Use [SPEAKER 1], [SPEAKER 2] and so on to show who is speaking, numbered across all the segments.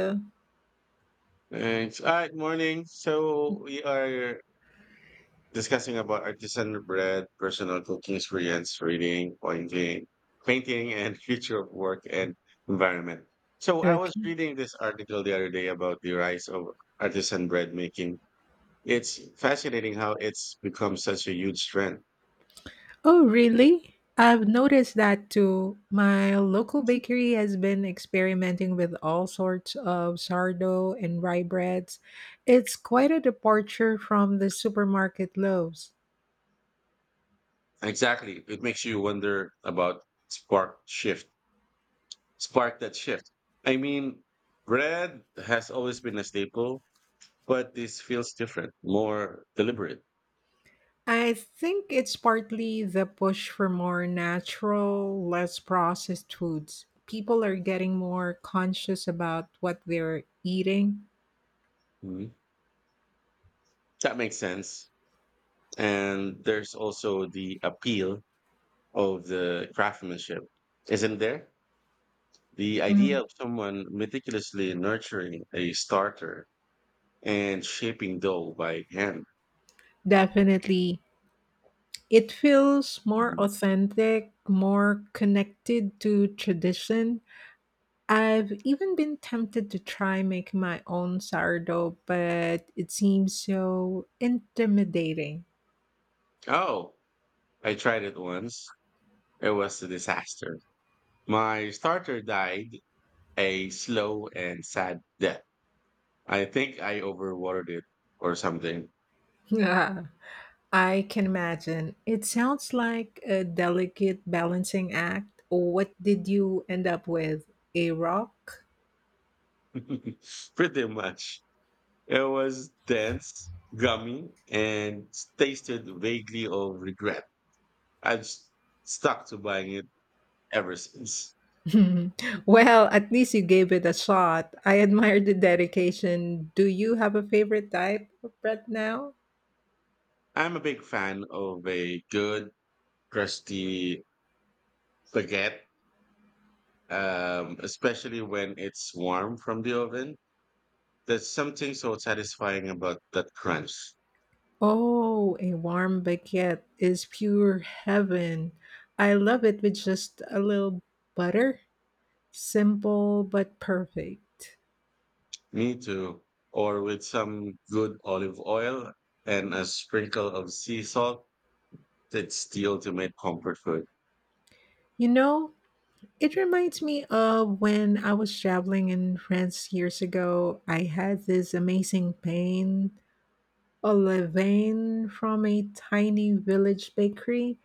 [SPEAKER 1] Okay.
[SPEAKER 2] Thanks. Morning. So we are discussing about artisan bread, personal cooking experience, reading, painting, and future of work and environment. So I was reading this article the other day about the rise of artisan bread making. It's fascinating how it's become such a huge trend.
[SPEAKER 1] Oh, really? I've noticed that too. My local bakery has been experimenting with all sorts of sourdough and rye breads. It's quite a departure from the supermarket loaves.
[SPEAKER 2] Exactly. It makes you wonder about spark shift, spark that shift. I mean, bread has always been a staple but this feels different, more deliberate.
[SPEAKER 1] I think it's partly the push for more natural, less processed foods. People are getting more conscious about what they're eating.
[SPEAKER 2] Mhm. That makes sense. And there's also the appeal of the craftsmanship, isn't there? The idea
[SPEAKER 1] Mm.
[SPEAKER 2] of someone meticulously nurturing a starter and shaping dough by hand.
[SPEAKER 1] Definitely. It feels more
[SPEAKER 2] Mhm.
[SPEAKER 1] authentic, more connected to tradition. I've even been tempted to try making my own sourdough, but it seems so intimidating.
[SPEAKER 2] Oh, I tried it once. It was a disaster. My starter died a slow and sad death. I think I overwatered it or something.
[SPEAKER 1] Yeah, I can imagine. It sounds like a delicate balancing act. What did you end up with? A rock?
[SPEAKER 2] Pretty much. It was dense, gummy, and tasted vaguely of regret. I've s- Stuck to buying it ever since.
[SPEAKER 1] Well, at least you gave it a shot. I admire the dedication. Do you have a favorite type of bread now?
[SPEAKER 2] I'm a big fan of a good crusty baguette, especially when it's warm from the oven. There's something so satisfying about that crunch.
[SPEAKER 1] Oh, a warm baguette is pure heaven. I love it with just a little butter. Simple but perfect.
[SPEAKER 2] Me too. Or with some good olive oil and a sprinkle of sea salt, that's the ultimate comfort food.
[SPEAKER 1] You know, it reminds me of when I was traveling in France years ago. I had this amazing pain, a levain from a tiny village bakery.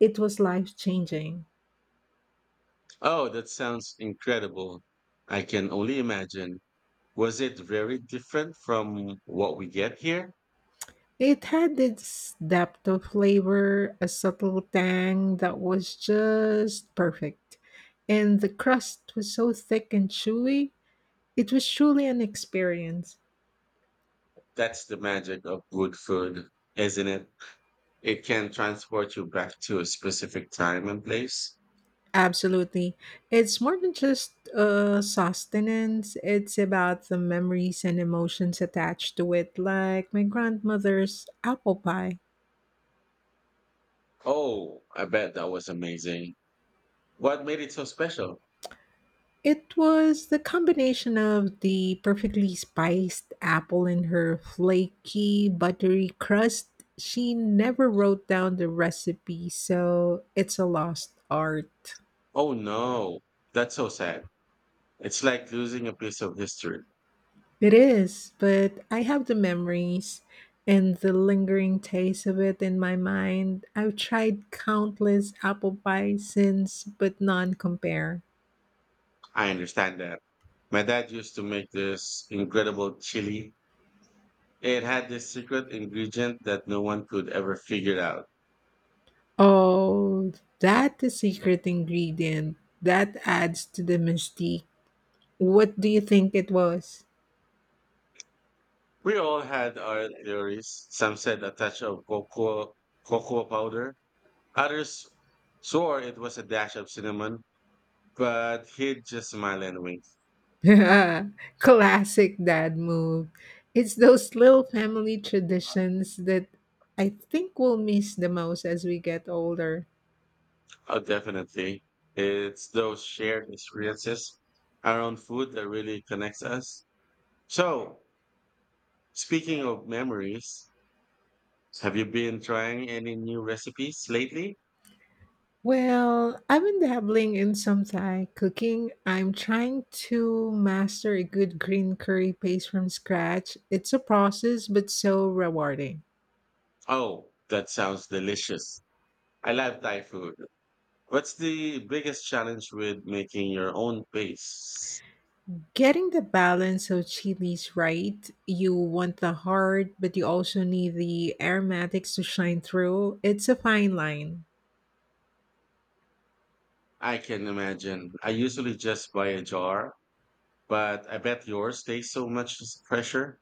[SPEAKER 1] It was life changing.
[SPEAKER 2] Oh, that sounds incredible. I can only imagine. Was it very different from what we get here?
[SPEAKER 1] It had its depth of flavor, a subtle tang that was just perfect. And the crust was so thick and chewy. It was truly an experience.
[SPEAKER 2] That's the magic of good food, isn't it? It can transport you back to a specific time and place.
[SPEAKER 1] Absolutely. It's more than just sustenance, it's about the memories and emotions attached to it, like my grandmother's apple pie.
[SPEAKER 2] Oh, I bet that was amazing. What made it so special?
[SPEAKER 1] It was the combination of the perfectly spiced apple and her flaky, buttery crust. She never wrote down the recipe, so it's a lost art.
[SPEAKER 2] Oh no, that's so sad. It's like losing a piece of history.
[SPEAKER 1] It is, but I have the memories and the lingering taste of it in my mind. I've tried countless apple pies since, but none compare.
[SPEAKER 2] I understand that. My dad used to make this incredible chili. It had this secret ingredient that no one could ever figure out.
[SPEAKER 1] Oh, that the secret ingredient that adds to the mystique. What do you think it was?
[SPEAKER 2] We all had our theories. Some said a touch of cocoa powder. Others swore it was a dash of cinnamon, but he'd just smile and wink.
[SPEAKER 1] Classic dad move. It's those little family traditions that I think we'll miss the most as we get older.
[SPEAKER 2] Oh, definitely. It's those shared experiences around food that really connects us. So, speaking of memories, have you been trying any new recipes lately?
[SPEAKER 1] Well, I've been dabbling in some Thai cooking. I'm trying to master a good green curry paste from scratch. It's a process, but so rewarding.
[SPEAKER 2] Oh, that sounds delicious. I love Thai food. What's the biggest challenge with making your own paste?
[SPEAKER 1] Getting the balance of chilies right, you want the heart, but you also need the aromatics to shine through. It's a fine line.
[SPEAKER 2] I can imagine. I usually just buy a jar, but I bet yours takes so much pressure.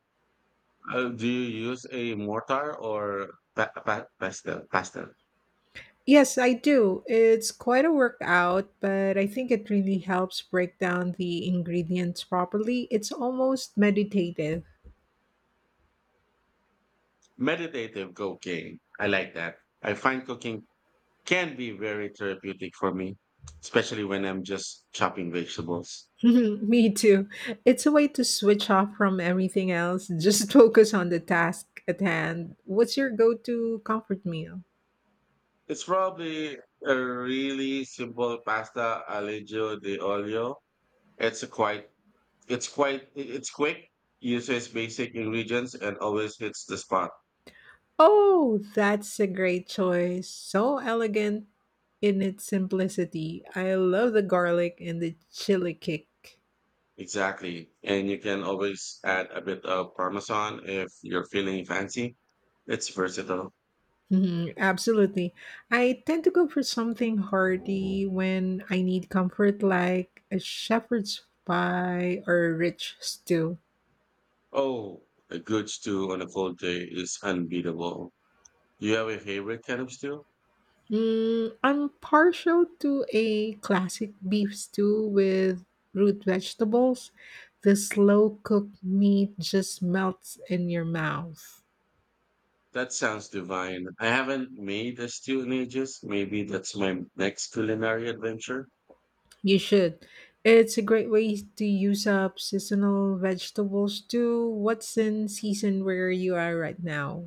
[SPEAKER 2] Do you use a mortar or pastel? Pastel.
[SPEAKER 1] Yes, I do. It's quite a workout, but I think it really helps break down the ingredients properly. It's almost meditative.
[SPEAKER 2] Meditative cooking. I like that. I find cooking can be very therapeutic for me, especially when I'm just chopping vegetables.
[SPEAKER 1] Me too. It's a way to switch off from everything else, just focus on the task at hand. What's your go to comfort meal?
[SPEAKER 2] It's probably a really simple pasta, aglio di olio. It's a quite it's quick, uses basic ingredients and always hits the spot.
[SPEAKER 1] Oh, that's a great choice. So elegant in its simplicity. I love the garlic and the chili kick.
[SPEAKER 2] Exactly. And you can always add a bit of parmesan if you're feeling fancy. It's versatile.
[SPEAKER 1] Mhm, absolutely. I tend to go for something hearty when I need comfort, like a shepherd's pie or a rich stew.
[SPEAKER 2] Oh, a good stew on a cold day is unbeatable. Do you have a favorite kind of stew?
[SPEAKER 1] Mm, I'm partial to a classic beef stew with root vegetables. The slow cooked meat just melts in your mouth.
[SPEAKER 2] That sounds divine. I haven't made a stew in ages. Maybe that's my next culinary adventure.
[SPEAKER 1] You should. It's a great way to use up seasonal vegetables too. What's in season where you are right now?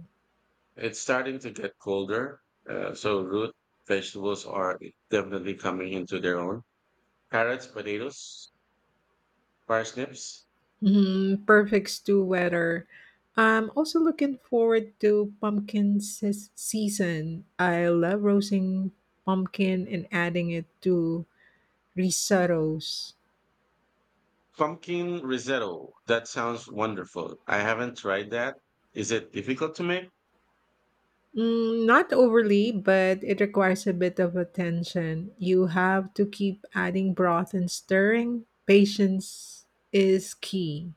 [SPEAKER 2] It's starting to get colder, so root vegetables are definitely coming into their own. Carrots, potatoes, parsnips,
[SPEAKER 1] Mhm, perfect stew weather. I'm also looking forward to pumpkin season. I love roasting pumpkin and adding it to risottos.
[SPEAKER 2] pumpkin risotto. That sounds wonderful. I haven't tried that. Is it difficult to make?
[SPEAKER 1] Mm, not overly, but it requires a bit of attention. You have to keep adding broth and stirring. Patience is key.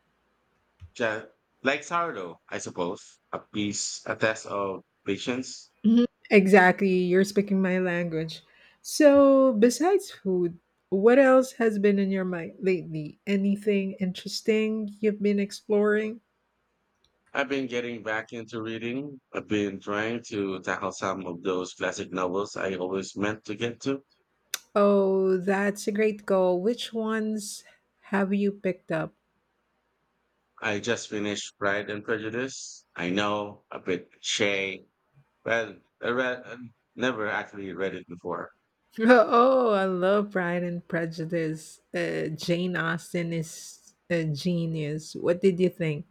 [SPEAKER 2] Just like sourdough, I suppose. A test of patience.
[SPEAKER 1] Mhm. Exactly. You're speaking my language. So, besides food, what else has been in your mind lately? Anything interesting you've been exploring?
[SPEAKER 2] I've been getting back into reading. I've been trying to tackle some of those classic novels I always meant to get to.
[SPEAKER 1] Oh, that's a great goal. Which ones have you picked up?
[SPEAKER 2] I just finished Pride and Prejudice. I know, a bit cliche, but I never actually read it before.
[SPEAKER 1] Oh, I love Pride and Prejudice. Jane Austen is a genius. What did you think?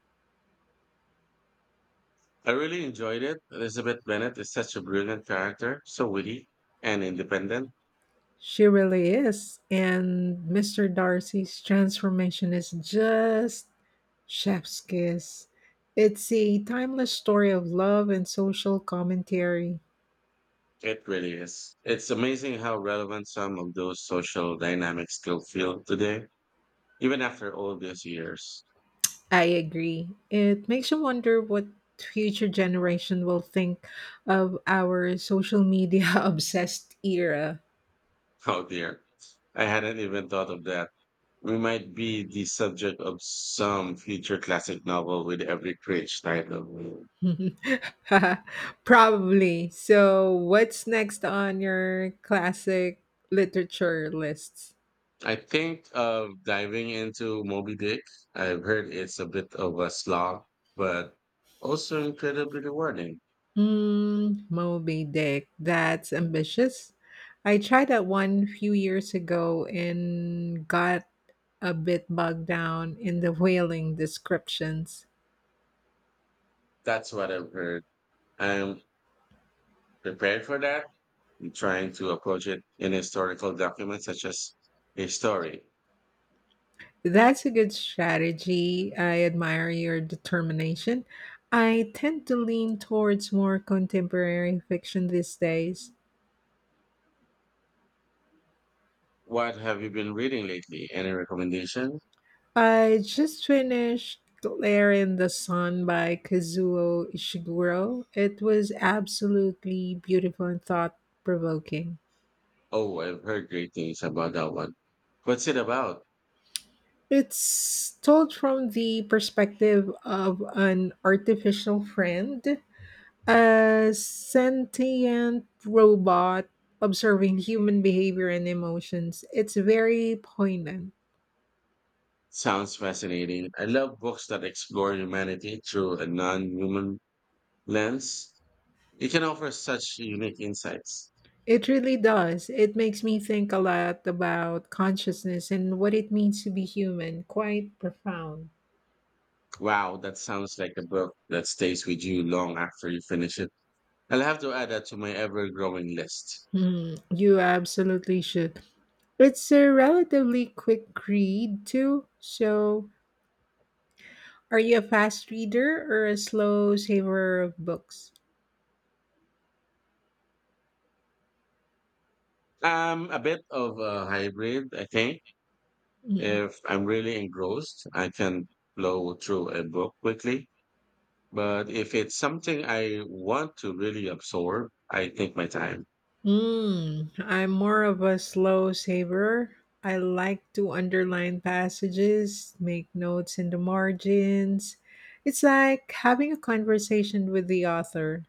[SPEAKER 2] I really enjoyed it. Elizabeth Bennet is such a brilliant character, so witty and independent.
[SPEAKER 1] She really is. And Mr. Darcy's transformation is just chef's kiss. It's a timeless story of love and social commentary.
[SPEAKER 2] It really is. It's amazing how relevant some of those social dynamics still feel today, even after all these years.
[SPEAKER 1] I agree. It makes you wonder what future generation will think of our social media obsessed era.
[SPEAKER 2] Oh dear, I hadn't even thought of that. We might be the subject of some future classic novel with every cringe title.
[SPEAKER 1] Probably. So, what's next on your classic literature lists?
[SPEAKER 2] I think of diving into Moby Dick. I've heard it's a bit of a slog, but also incredibly rewarding.
[SPEAKER 1] Mm, Moby Dick. That's ambitious. I tried that one few years ago and got a bit bogged down in the whaling descriptions.
[SPEAKER 2] That's what I've heard. I'm prepared for that. I'm trying to approach it in historical documents such as a story.
[SPEAKER 1] That's a good strategy. I admire your determination. I tend to lean towards more contemporary fiction these days.
[SPEAKER 2] What have you been reading lately? Any recommendation?
[SPEAKER 1] I just finished Glare in the Sun by Kazuo Ishiguro. It was absolutely beautiful and thought provoking.
[SPEAKER 2] Oh, I've heard great things about that one. What's it about?
[SPEAKER 1] It's told from the perspective of an artificial friend. A sentient robot observing human behavior and emotions. It's very poignant.
[SPEAKER 2] Sounds fascinating. I love books that explore humanity through a non-human lens. It can offer such unique insights.
[SPEAKER 1] It really does. It makes me think a lot about consciousness and what it means to be human. Quite profound.
[SPEAKER 2] Wow, that sounds like a book that stays with you long after you finish it. I'll have to add that to my ever-growing list.
[SPEAKER 1] Hmm, you absolutely should. It's a relatively quick read, too. So, are you a fast reader or a slow saver of books?
[SPEAKER 2] A bit of a hybrid, I think.
[SPEAKER 1] Hmm.
[SPEAKER 2] If I'm really engrossed, I can blow through a book quickly. But if it's something I want to really absorb, I take my time.
[SPEAKER 1] Mm, I'm more of a slow saver. I like to underline passages, make notes in the margins. It's like having a conversation with the author.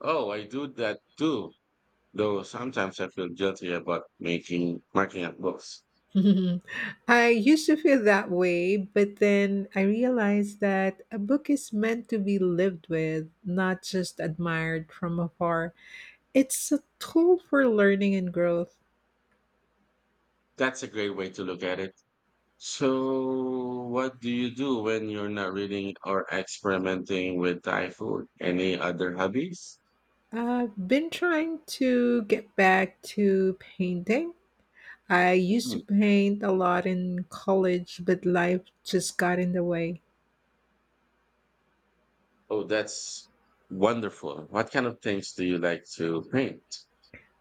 [SPEAKER 2] Oh, I do that too. Though sometimes I feel guilty about making marking up books.
[SPEAKER 1] I used to feel that way, but then I realized that a book is meant to be lived with, not just admired from afar. It's a tool for learning and growth.
[SPEAKER 2] That's a great way to look at it. So, what do you do when you're not reading or experimenting with Thai food? Any other hobbies?
[SPEAKER 1] I've been trying to get back to painting. I used to paint a lot in college, but life just got in the way.
[SPEAKER 2] Oh, that's wonderful. What kind of things do you like to paint?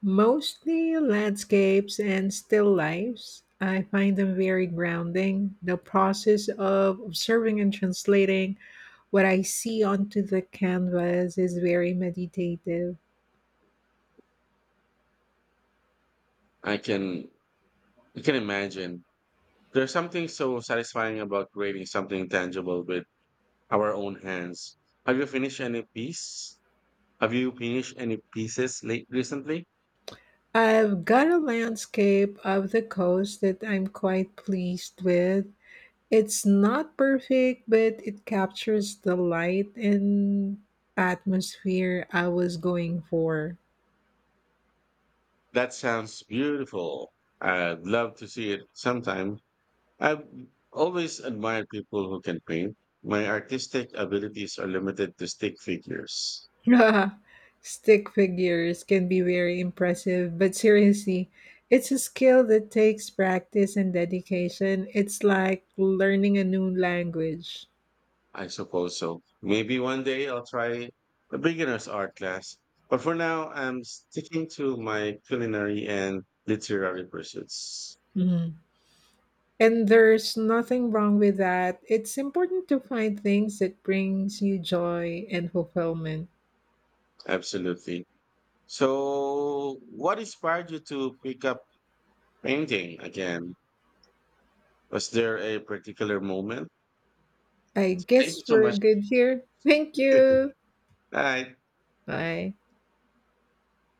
[SPEAKER 1] Mostly landscapes and still lifes. I find them very grounding. The process of observing and translating what I see onto the canvas is very meditative.
[SPEAKER 2] I can I can imagine. There's something so satisfying about creating something tangible with our own hands. Have you finished any piece? Have you finished any pieces late recently?
[SPEAKER 1] I've got a landscape of the coast that I'm quite pleased with. It's not perfect, but it captures the light and atmosphere I was going for.
[SPEAKER 2] That sounds beautiful. I'd love to see it sometime. I've always admired people who can paint. My artistic abilities are limited to stick figures.
[SPEAKER 1] Stick figures can be very impressive, but seriously, it's a skill that takes practice and dedication. It's like learning a new language.
[SPEAKER 2] I suppose so. Maybe one day I'll try a beginner's art class. But for now, I'm sticking to my culinary and literary pursuits.
[SPEAKER 1] Hmm. And there's nothing wrong with that. It's important to find things that brings you joy and fulfillment.
[SPEAKER 2] Absolutely. So, what inspired you to pick up painting again? Was there a particular moment?
[SPEAKER 1] I
[SPEAKER 2] Thank you
[SPEAKER 1] guess
[SPEAKER 2] so
[SPEAKER 1] we're
[SPEAKER 2] much.
[SPEAKER 1] good here. Thank you.
[SPEAKER 2] Bye.
[SPEAKER 1] Bye.